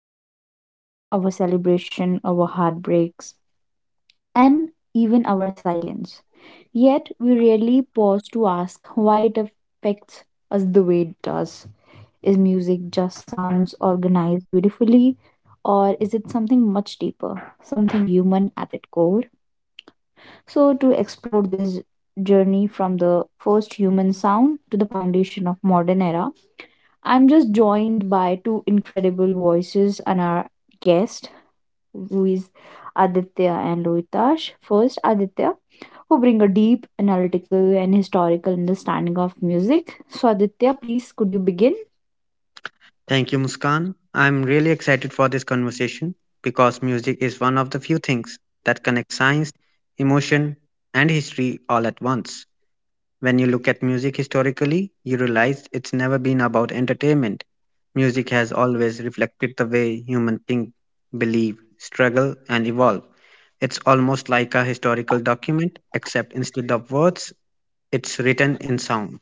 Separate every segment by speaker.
Speaker 1: through our headphones, our celebration, our heartbreaks and even our silence. Yet we rarely pause to ask why it affects us the way it does. Is music just sounds organized beautifully, or is it something much deeper, something human at its core? So, to explore this journey from the first human sound to the foundation of modern era, I'm just joined by two incredible voices and our guest, who is Aditya and Loitash. First, Aditya, who bring a deep analytical and historical understanding of music. So, Aditya, please could you begin?
Speaker 2: Thank you, Muskan. I'm really excited for this conversation because music is one of the few things that connects science, emotion, and history all at once. When you look at music historically, you realize it's never been about entertainment. Music has always reflected the way humans think, believe, struggle, and evolve. It's almost like a historical document, except instead of words, it's written in sound.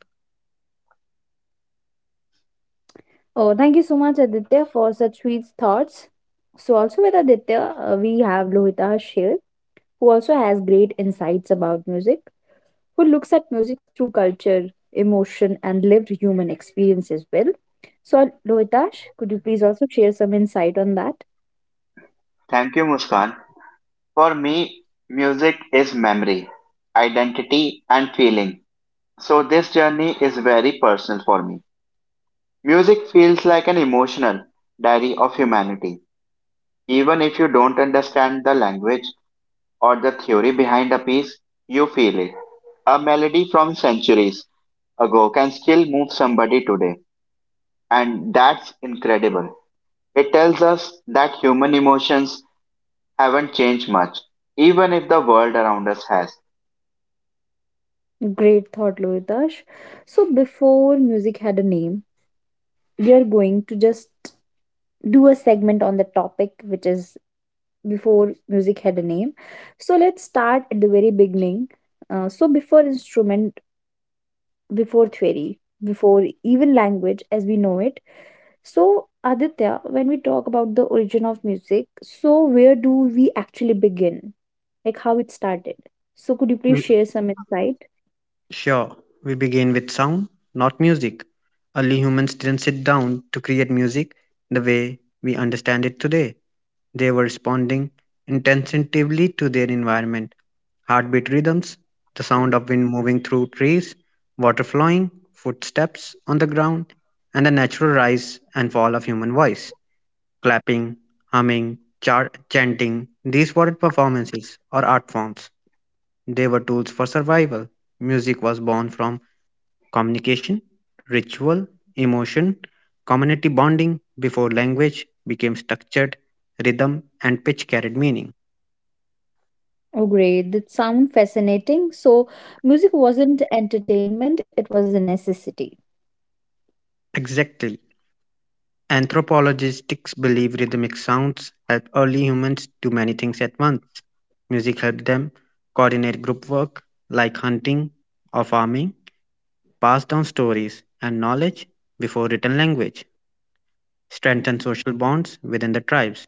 Speaker 1: Oh, thank you so much, Aditya, for such sweet thoughts. So, also with Aditya, we have Lohita Sher, who also has great insights about music, who looks at music through culture, emotion, and lived human experience as well. So, Lohita, could you please also share some insight on that?
Speaker 3: Thank you, Muskan. For me, music is memory, identity, and feeling. So this journey is very personal for me. Music feels like an emotional diary of humanity. Even if you don't understand the language or the theory behind a piece, you feel it. A melody from centuries ago can still move somebody today, and that's incredible. It tells us that human emotions haven't changed much, even if the world around us has.
Speaker 1: Great thought, Loitash. So, before music had a name, we are going to just do a segment on the topic, which is before music had a name. So, let's start at the very beginning. So, before instrument, before theory, before even language as we know it, so, Aditya, when we talk about the origin of music, so where do we actually begin? Like how it started? So, could you please share some insight?
Speaker 2: Sure, we begin with sound, not music. Early humans didn't sit down to create music the way we understand it today. They were responding instinctively to their environment. Heartbeat rhythms, the sound of wind moving through trees, water flowing, footsteps on the ground, and the natural rise and fall of human voice. Clapping, humming, chanting, these were performances or art forms. They were tools for survival. Music was born from communication, ritual, emotion, community bonding before language became structured, rhythm and pitch carried meaning.
Speaker 1: Oh, great. That sound fascinating. So, music wasn't entertainment, it was a necessity.
Speaker 2: Exactly. Anthropologists believe rhythmic sounds helped early humans do many things at once. Music helped them coordinate group work like hunting or farming, pass down stories and knowledge before written language, strengthen social bonds within the tribes,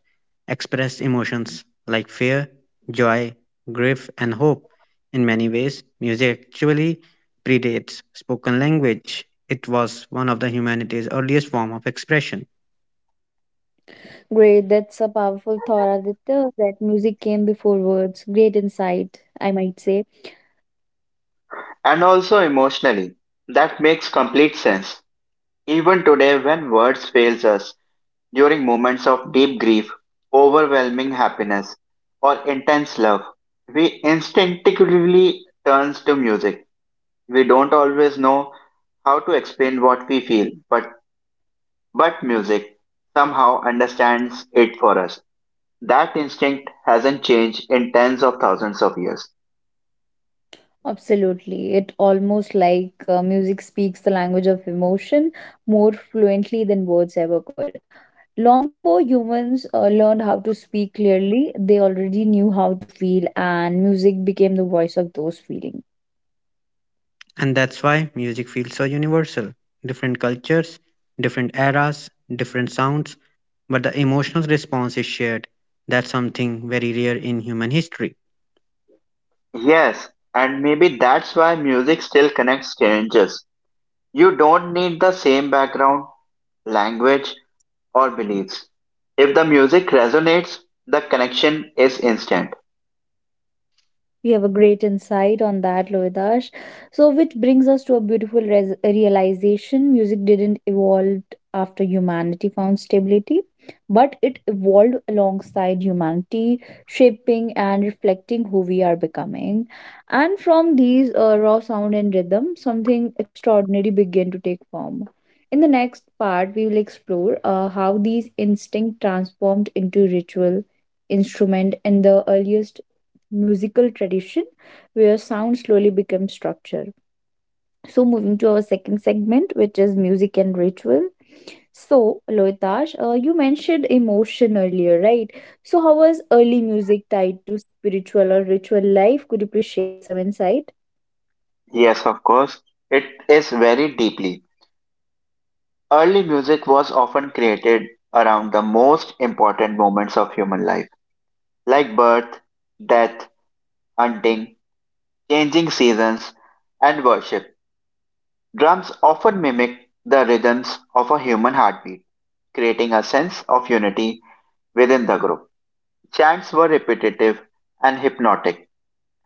Speaker 2: express emotions like fear, joy, grief, and hope. In many ways, music actually predates spoken language. It was one of the humanity's earliest form of expression,
Speaker 1: Great. That's a powerful thought, Aditya, that music came before words. Great insight, I might say.
Speaker 3: And also emotionally, that makes complete sense. Even today when words fails us during moments of deep grief, overwhelming happiness, or intense love, we instinctively turns to music. We don't always know how to explain what we feel, but music somehow understands it for us. That instinct hasn't changed in tens of thousands of years.
Speaker 1: Absolutely. It almost like music speaks the language of emotion more fluently than words ever could. Long before humans learned how to speak clearly, they already knew how to feel, and music became the voice of those feelings.
Speaker 2: and that's why music feels so universal. Different cultures, different eras, different sounds, but the emotional response is shared. That's something very rare in human history.
Speaker 3: Yes, and maybe that's why music still connects strangers. You don't need the same background, language, or beliefs. If the music resonates, the connection is instant.
Speaker 1: We have a great insight on that, Lohidash. So, which brings us to a beautiful realization music didn't evolve after humanity found stability, but it evolved alongside humanity, shaping and reflecting who we are becoming. And from these raw sound and rhythm, something extraordinary began to take form. In the next part, we will explore how these instinct transformed into ritual, instrument, and the earliest musical tradition where sound slowly becomes structure. So, moving to our second segment, which is music and ritual. So, Loitash, you mentioned emotion earlier, right? So, how was early music tied to spiritual or ritual life? Could you please share some insight?
Speaker 3: Yes, of course, it is very deeply. Early music was often created around the most important moments of human life, like birth, death, hunting, changing seasons, and worship. Drums often mimic the rhythms of a human heartbeat, creating a sense of unity within the group. Chants were repetitive and hypnotic,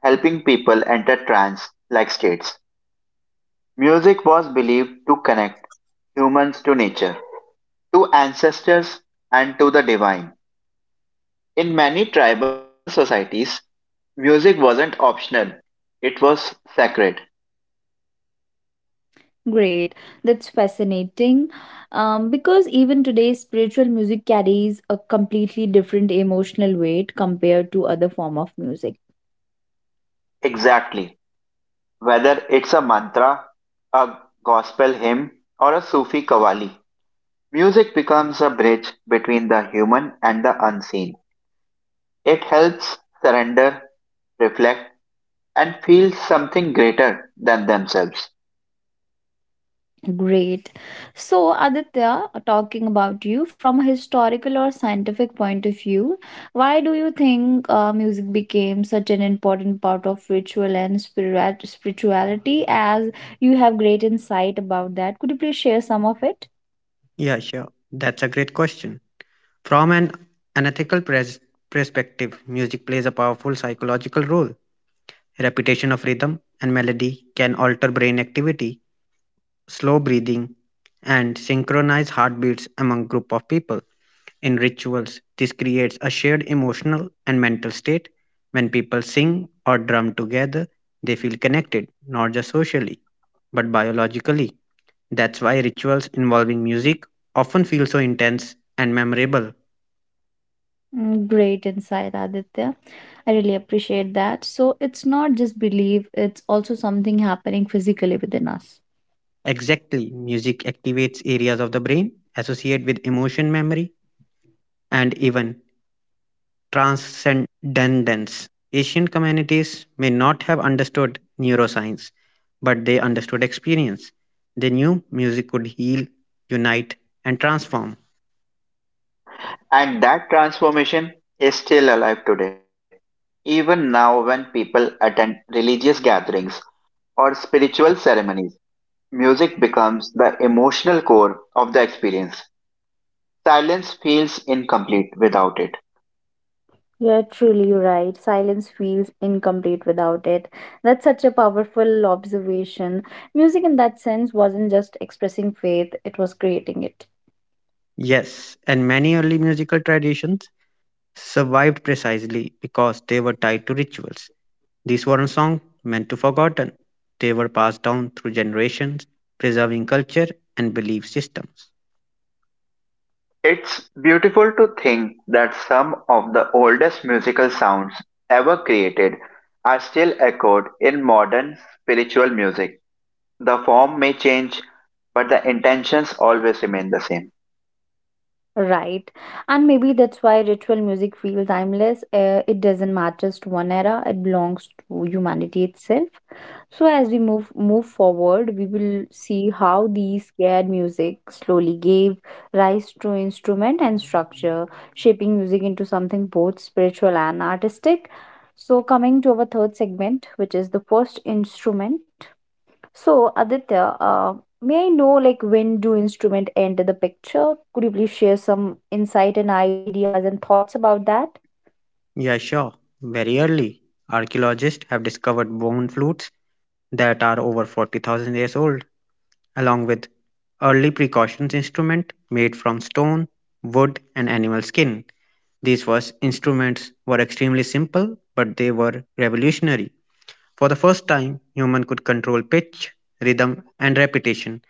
Speaker 3: helping people enter trance like states. Music was believed to connect humans to nature, to ancestors, and to the divine. In many tribal societies, music wasn't optional, it was sacred.
Speaker 1: Great, that's fascinating. Because even today, spiritual music carries a completely different emotional weight compared to other form of music.
Speaker 3: Exactly. Whether it's a mantra, a gospel hymn, or a Sufi qawwali, music becomes a bridge between the human and the unseen. It helps surrender reflect, and feel something greater than themselves.
Speaker 1: Great. So, Aditya, talking about you from a historical or scientific point of view, why do you think music became such an important part of ritual and spirit spirituality? As you have great insight about that, could you please share some of it?
Speaker 2: Yeah, sure. That's a great question. From an unethical perspective, music plays a powerful psychological role. Repetition of rhythm and melody can alter brain activity, slow breathing, and synchronize heartbeats among group of people. In rituals, this creates a shared emotional and mental state. When people sing or drum together, they feel connected, not just socially, but biologically. That's why rituals involving music often feel so intense and memorable.
Speaker 1: Great insight, Aditya. I really appreciate that. So, it's not just belief, it's also something happening physically within us.
Speaker 2: Exactly. Music activates areas of the brain associated with emotion memory and even transcendence. Ancient communities may not have understood neuroscience, but they understood experience. They knew music could heal, unite, and transform.
Speaker 3: And that transformation is still alive today. Even now, when people attend religious gatherings or spiritual ceremonies, music becomes the emotional core of the experience. Silence feels incomplete without it.
Speaker 1: You're truly right. Silence feels incomplete without it. That's such a powerful observation. Music, in that sense, wasn't just expressing faith, it was creating it.
Speaker 2: Yes, and many early musical traditions survived precisely because they were tied to rituals. These weren't songs meant to forgotten. They were passed down through generations, preserving culture and belief systems.
Speaker 3: It's beautiful to think that some of the oldest musical sounds ever created are still echoed in modern spiritual music. The form may change, but the intentions always remain the same.
Speaker 1: Right. And maybe that's why ritual music feels timeless. It doesn't matter to one era, it belongs to humanity itself. So as we move forward, we will see how these scared music slowly gave rise to instrument and structure, shaping music into something both spiritual and artistic. So coming to our third segment, which is the first instrument, so, Aditya, may I know like when do instrument enter the picture? Could you please share some insight and ideas and thoughts about that?
Speaker 2: Yeah, sure. Very early, archaeologists have discovered bone flutes that are over 40,000 years old, along with early precautions instruments made from stone, wood, and animal skin. These first instruments were extremely simple, but they were revolutionary. For the first time, human could control pitch, rhythm, and repetition.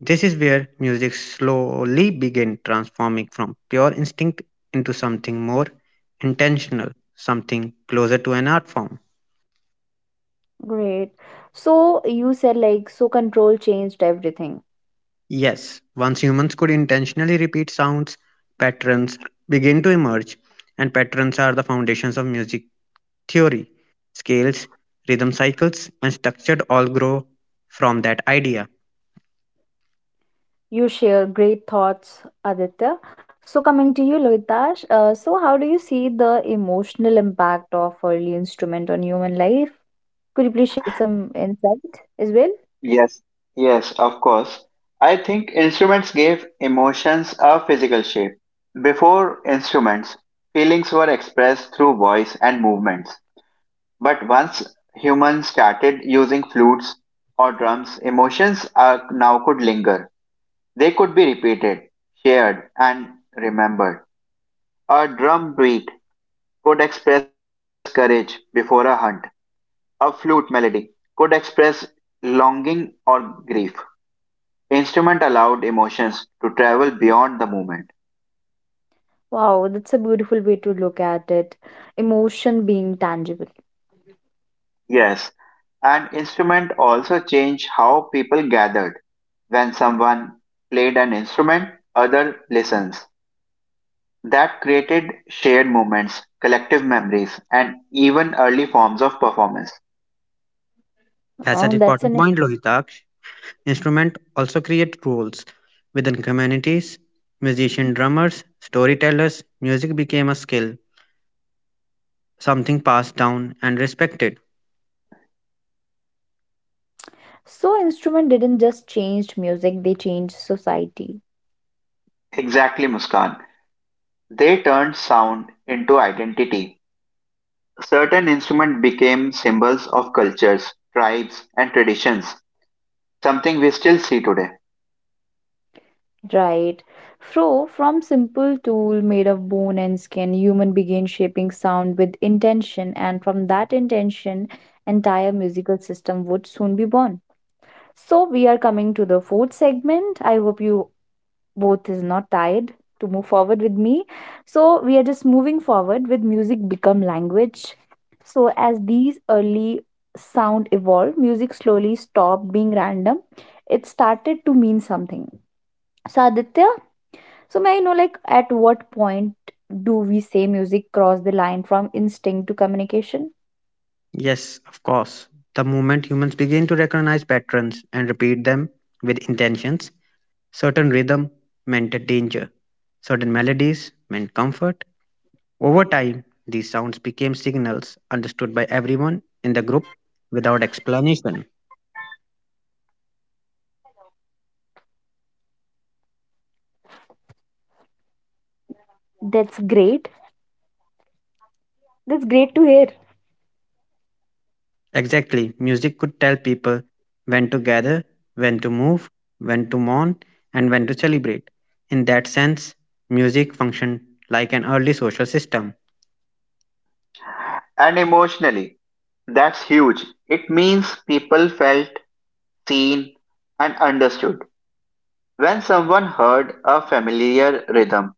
Speaker 2: This is where music slowly began transforming from pure instinct into something more intentional, something closer to an art form.
Speaker 1: Great. So you said like so control changed everything.
Speaker 2: Yes, once humans could intentionally repeat sounds, patterns begin to emerge, and patterns are the foundations of music theory. Scales, rhythm cycles, and structured all grow from that idea.
Speaker 1: You share great thoughts, Aditya. So coming to you, Lohitash, so how do you see the emotional impact of early instrument on human life? Could you please share some insight as well?
Speaker 3: Yes, yes, of course. I think instruments gave emotions a physical shape. Before instruments, feelings were expressed through voice and movements. But once humans started using flutes or drums, emotions are, now could linger. They could be repeated, shared, and remembered. A drum beat could express courage before a hunt. A flute melody could express longing or grief. Instrument allowed emotions to travel beyond the moment.
Speaker 1: Wow, that's a beautiful way to look at it. Emotion being tangible.
Speaker 3: Yes, and instrument also changed how people gathered. When someone played an instrument, other listens. That created shared moments, collective memories, and even early forms of performance.
Speaker 2: That's an
Speaker 1: That's
Speaker 2: important
Speaker 1: an
Speaker 2: point, Lohitaksh. Instruments also create roles within communities. Musicians, drummers, storytellers, music became a skill, something passed down and respected.
Speaker 1: so instrument didn't just change music, they changed society.
Speaker 3: Exactly, Muskan. They turned sound into identity. Certain instruments became symbols of cultures, tribes, and traditions, something we still see today.
Speaker 1: Right. So from simple tool made of bone and skin, human began shaping sound with intention, and from that intention, entire musical system would soon be born. So we are coming to the fourth segment. I hope you both is not tired to move forward with me. So we are just moving forward with music become language. So as these early sound evolved, music slowly stopped being random. It started to mean something. So Aditya, so may I know like at what point do we say music cross the line from instinct to communication?
Speaker 2: Yes, of course. The moment humans begin to recognize patterns and repeat them with intentions, certain rhythm meant a danger, certain melodies meant comfort. Over time, these sounds became signals understood by everyone in the group without explanation.
Speaker 1: That's great. That's great to hear.
Speaker 2: Exactly. Music could tell people when to gather, when to move, when to mourn, and when to celebrate. In that sense, music functioned like an early social system.
Speaker 3: And emotionally, that's huge. It means people felt seen and understood. When someone heard a familiar rhythm,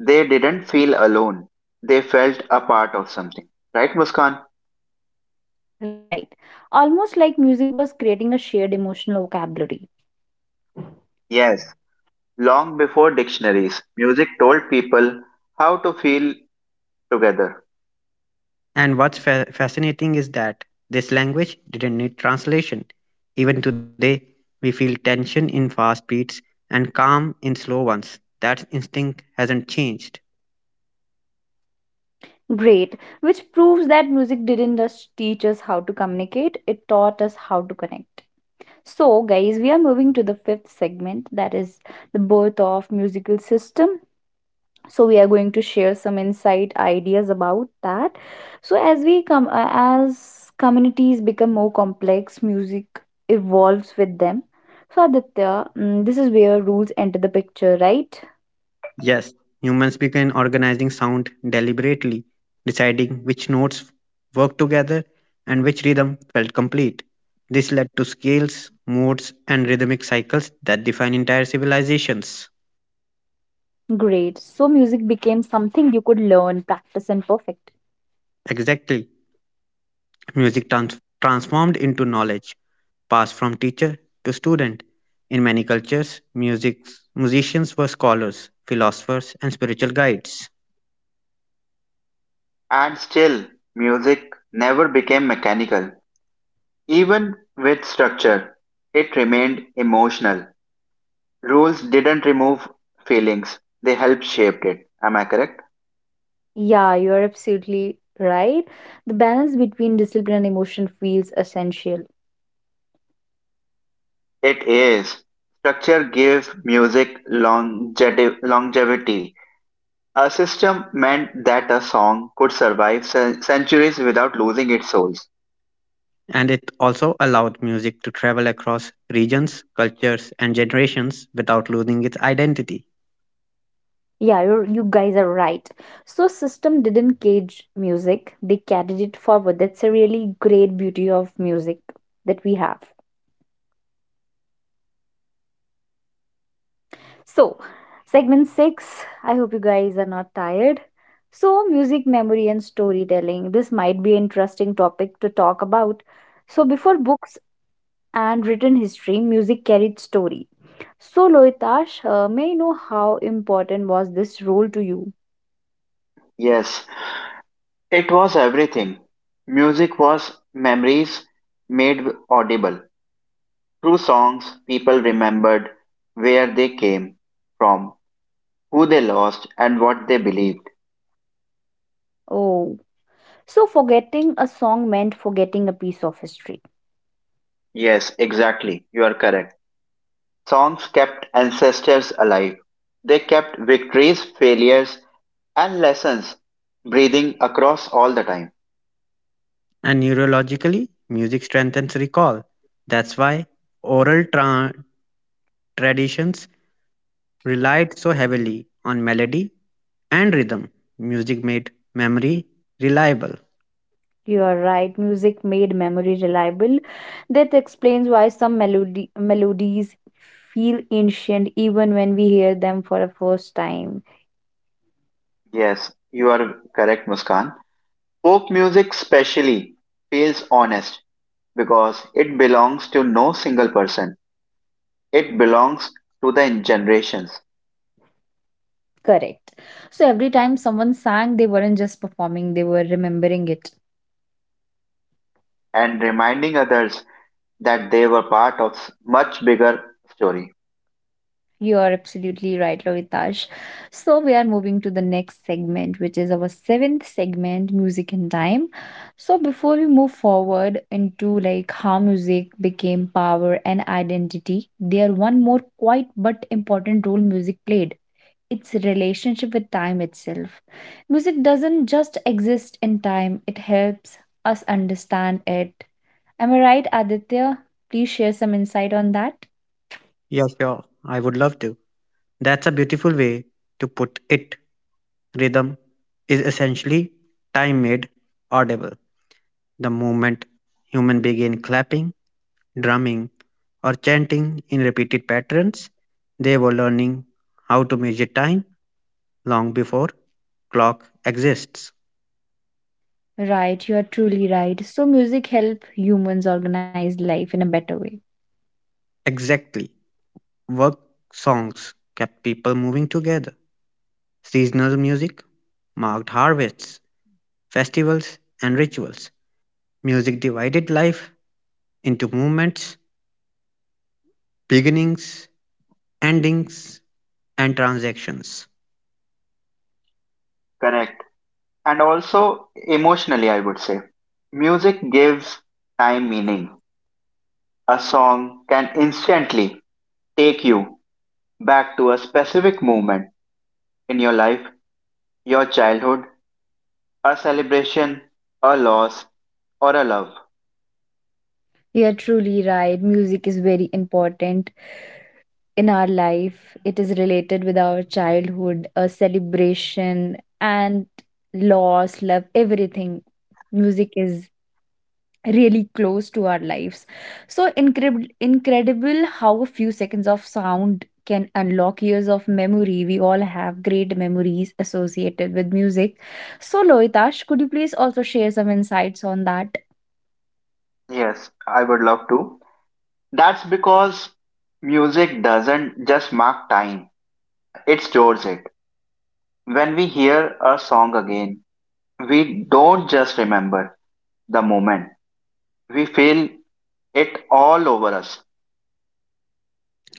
Speaker 3: they didn't feel alone. They felt a part of something. Right, Muskan?
Speaker 1: Right. Almost like music was creating a shared emotional vocabulary.
Speaker 3: Yes. Long before dictionaries, music told people how to feel together.
Speaker 2: And what's fascinating is that this language didn't need translation. Even today, we feel tension in fast beats and calm in slow ones. That instinct hasn't changed.
Speaker 1: Great, which proves that music didn't just teach us how to communicate, it taught us how to connect. So, guys, we are moving to the fifth segment that is the birth of musical system, so we are going to share some insight ideas about that. So as we come as communities become more complex music evolves with them. So Aditya, this is where rules enter the picture, right?
Speaker 2: Yes, humans began organizing sound deliberately, deciding which notes worked together and which rhythm felt complete. This led to scales, modes, and rhythmic cycles that define entire civilizations.
Speaker 1: Great, so music became something you could learn practice and perfect.
Speaker 2: Exactly. Music transformed into knowledge, passed from teacher to student. In many cultures, musicians were scholars, philosophers, and spiritual guides.
Speaker 3: And still, music never became mechanical. Even with structure, it remained emotional. Rules didn't remove feelings, they helped shape it. Am I correct?
Speaker 1: Yeah, you're absolutely right, the balance between discipline and emotion feels essential.
Speaker 3: It is. Structure gave music longevity. A system meant that a song could survive centuries without losing its soul.
Speaker 2: And it also allowed music to travel across regions, cultures, and generations without losing its identity.
Speaker 1: Yeah, you guys are right. So system didn't cage music; they carried it forward. That's a really great beauty of music that we have. So, segment six. I hope you guys are not tired. So, music memory and storytelling. This might be an interesting topic to talk about. So, before books and written history, music carried story. So, Loitash, may I know how important was this role to you?
Speaker 3: Yes, it was everything. Music was memories made audible. Through songs, people remembered where they came from, who they lost, and what they believed.
Speaker 1: Oh. So, forgetting a song meant forgetting a piece of history.
Speaker 3: Yes, exactly. You are correct. Songs kept ancestors alive. They kept victories, failures, and lessons breathing across all the time.
Speaker 2: And neurologically, music strengthens recall. That's why oral traditions relied so heavily on melody and rhythm. Music made memory reliable.
Speaker 1: You are right, music made memory reliable. That explains why melodies feel ancient even when we hear them for the first time.
Speaker 3: Yes, you are correct, Muskan. Folk music, specially, feels honest because it belongs to no single person. It belongs to the generations
Speaker 1: Correct. So, every time someone sang, they weren't just performing, they were remembering it.
Speaker 3: and reminding others that they were part of much bigger story.
Speaker 1: You are absolutely right, Ravitash. So, we are moving to the next segment, which is our seventh segment, music and time. So, before we move forward into like how music became power and identity, there one more quiet but important role music played. Its relationship with time itself. Music doesn't just exist in time, it helps us understand it. Am I right, Aditya? Please share some insight on that.
Speaker 2: Yeah, sure, I would love to. That's a beautiful way to put it. Rhythm is essentially time made audible. The moment human begin clapping, drumming, or chanting in repeated patterns. They were learning how to measure time long before clock exists.
Speaker 1: Right, you are truly right. So music help humans organize life in a better way.
Speaker 2: Exactly. Work songs kept people moving together. Seasonal music marked harvests, festivals, and rituals. Music divided life into movements, beginnings, endings, and transactions,
Speaker 3: Correct. And also emotionally, I would say. Music gives time meaning. A song can instantly take you back to a specific moment in your life, your childhood, a celebration, a loss, or a love.
Speaker 1: You are truly right. Music is very important in our life. It is related with our childhood, a celebration and loss, love, everything. Music is really close to our lives. So incredible how a few seconds of sound can unlock years of memory. We all have great memories associated with music. So Loitash, could you please also share some insights on that?
Speaker 3: Yes, I would love to. That's because music doesn't just mark time, it stores it. When we hear a song again, we don't just remember the moment, we feel it all over us.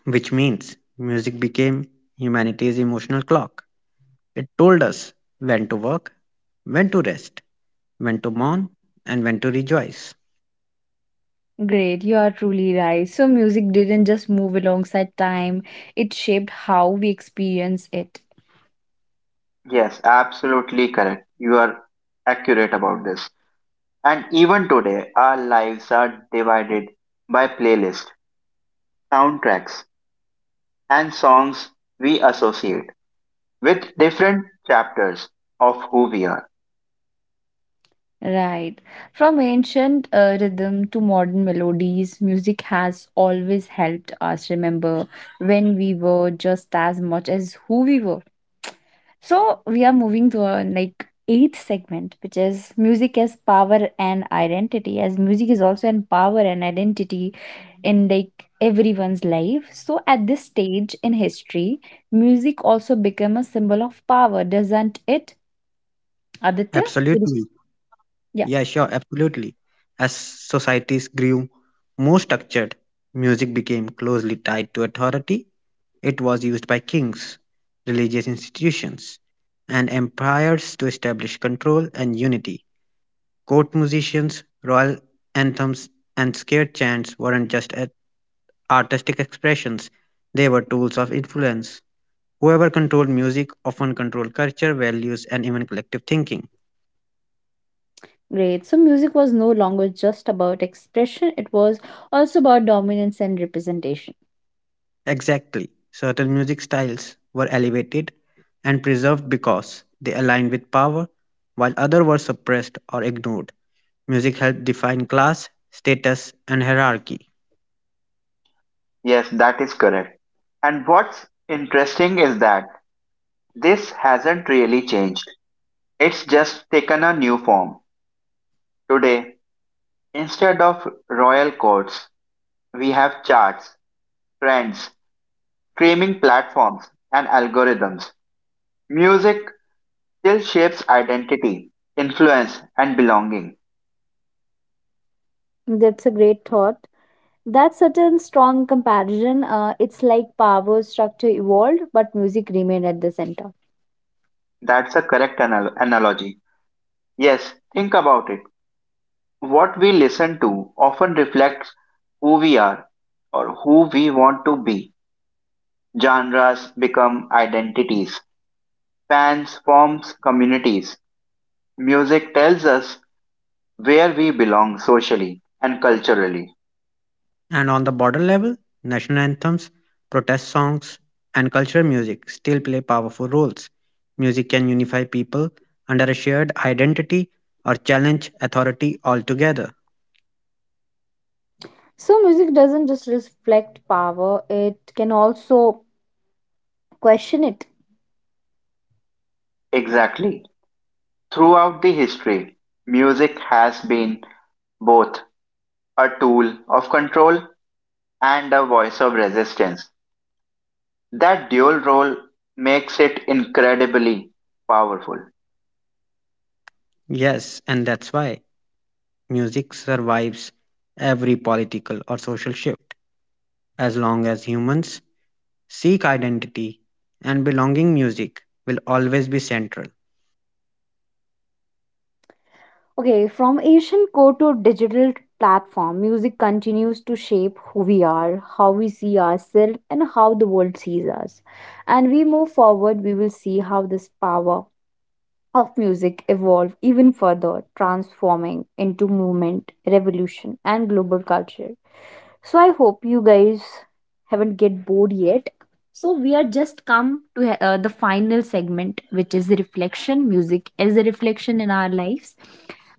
Speaker 2: which means music became humanity's emotional clock. It told us when to work, when to rest, when to mourn, and when to rejoice.
Speaker 1: Great, you are truly right. So music didn't just move alongside time, it shaped how we experience it.
Speaker 3: Yes, absolutely correct. You are accurate about this. And even today, our lives are divided by playlists, soundtracks, and songs we associate with different chapters of who we are.
Speaker 1: Right. From ancient rhythm to modern melodies, music has always helped us remember when we were just as much as who we were. So we are moving to our like eighth segment, which is music as power and identity. As music is also an power and identity in like everyone's life. So at this stage in history, music also became a symbol of power, doesn't it, Aditya?
Speaker 2: Absolutely. Yeah,
Speaker 1: Yeah.
Speaker 2: sure, absolutely. As societies grew more structured, music became closely tied to authority. It was used by kings, religious institutions, and empires to establish control and unity. Court musicians, royal anthems, and scare chants weren't just artistic expressions, they were tools of influence. Whoever controlled music often controlled culture, values, and even collective thinking.
Speaker 1: Great. So music was no longer just about expression, it was also about dominance and representation.
Speaker 2: Exactly. Certain music styles were elevated and preserved because they aligned with power, while others were suppressed or ignored. Music helped define class, status, and hierarchy.
Speaker 3: Yes, that is correct. And what's interesting is that this hasn't really changed, it's just taken a new form. Today, instead of royal courts, we have charts, trends, streaming platforms, and algorithms. Music still shapes identity, influence, and belonging.
Speaker 1: That's a great thought. That certain strong comparison, it's like power structure evolved, but music remained at the center.
Speaker 3: That's a correct analogy. Yes, think about it. What we listen to often reflects who we are or who we want to be. Genres become identities. Fans forms communities. Music tells us where we belong socially and culturally.
Speaker 2: And on the border level, national anthems, protest songs, and cultural music still play powerful roles. Music can unify people under a shared identity or challenge authority altogether.
Speaker 1: So music doesn't just reflect power, it can also question it.
Speaker 3: Exactly. Throughout the history, music has been both a tool of control and a voice of resistance. That dual role makes it incredibly powerful.
Speaker 2: Yes, and that's why music survives every political or social shift. As long as humans seek identity and belonging, music will always be central.
Speaker 1: Okay, from ancient core to digital platform, music continues to shape who we are, how we see ourselves, and how the world sees us. And we move forward, we will see how this power of music evolved even further, transforming into movement, revolution, and global culture. So I hope you guys haven't get bored yet. So we are just come to the final segment, which is the reflection. Music as a reflection in our lives.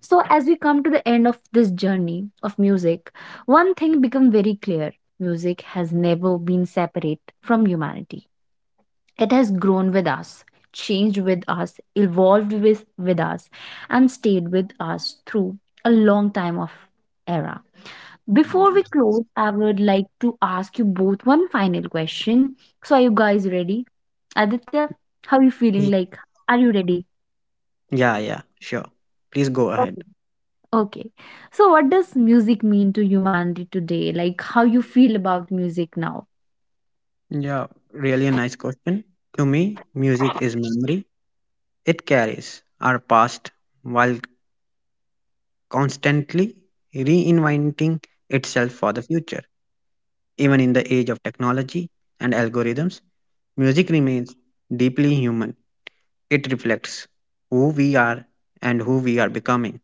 Speaker 1: So as we come to the end of this journey of music, one thing become very clear: music has never been separate from humanity, it has grown with us, changed with us, evolved with us, and stayed with us through a long time of era. Before we close, I would like to ask you both one final question. So, are you guys ready? Aditya, how are you feeling?
Speaker 2: Y-
Speaker 1: Like, are you ready?
Speaker 2: yeah, sure. Please go ahead.
Speaker 1: Okay. Okay. So, what does music mean to humanity today? Like, how you feel about music now?
Speaker 2: Yeah, really a nice question. To me, music is memory. It carries our past while constantly reinventing itself for the future. Even in the age of technology and algorithms, music remains deeply human. It reflects who we are and who we are becoming.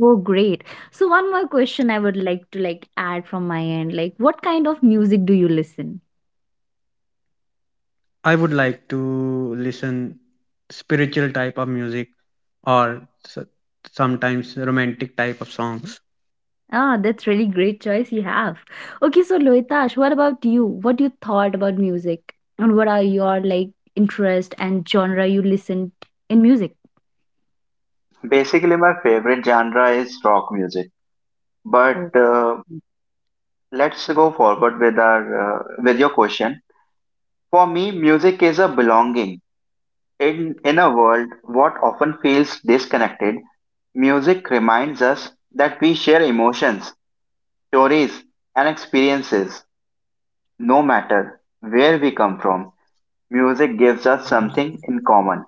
Speaker 1: Oh, great. So one more question I would like to like add from my end. Like what kind of music do you listen?
Speaker 2: I would like to listen spiritual type of music or sometimes romantic type of songs.
Speaker 3: Basically, my favorite genre is rock music. But let's go forward with our with your question. For me, music is a belonging. In a world what often feels disconnected, music reminds us that we share emotions, stories, and experiences. No matter where we come from, music gives us something in common.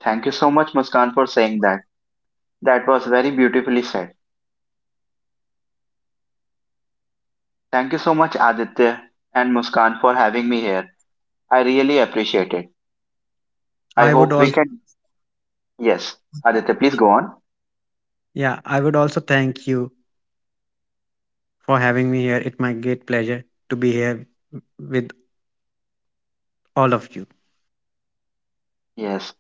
Speaker 3: Thank you so much, Muskan, for saying that. That was very beautifully said. Thank you so much, Aditya and Muskan, for having me here. I really appreciate it. I
Speaker 2: I would
Speaker 3: hope we
Speaker 2: also
Speaker 3: can. Yes, Aditya, please go on.
Speaker 2: yeah, I would also thank you for having me here. It my great pleasure to be here with all of you.
Speaker 3: Yes.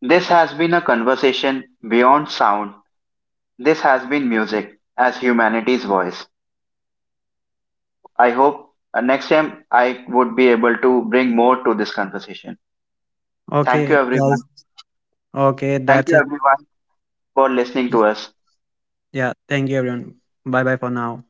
Speaker 3: This has been a conversation beyond sound. This has been music as humanity's voice. I hope next time I would be able to bring more to this conversation. Thank you,
Speaker 2: Okay, guys.
Speaker 3: everyone.
Speaker 2: Okay,
Speaker 3: Thank
Speaker 2: that's
Speaker 3: you,
Speaker 2: it.
Speaker 3: everyone, for listening to us.
Speaker 2: Yeah, thank you everyone. Bye bye for now.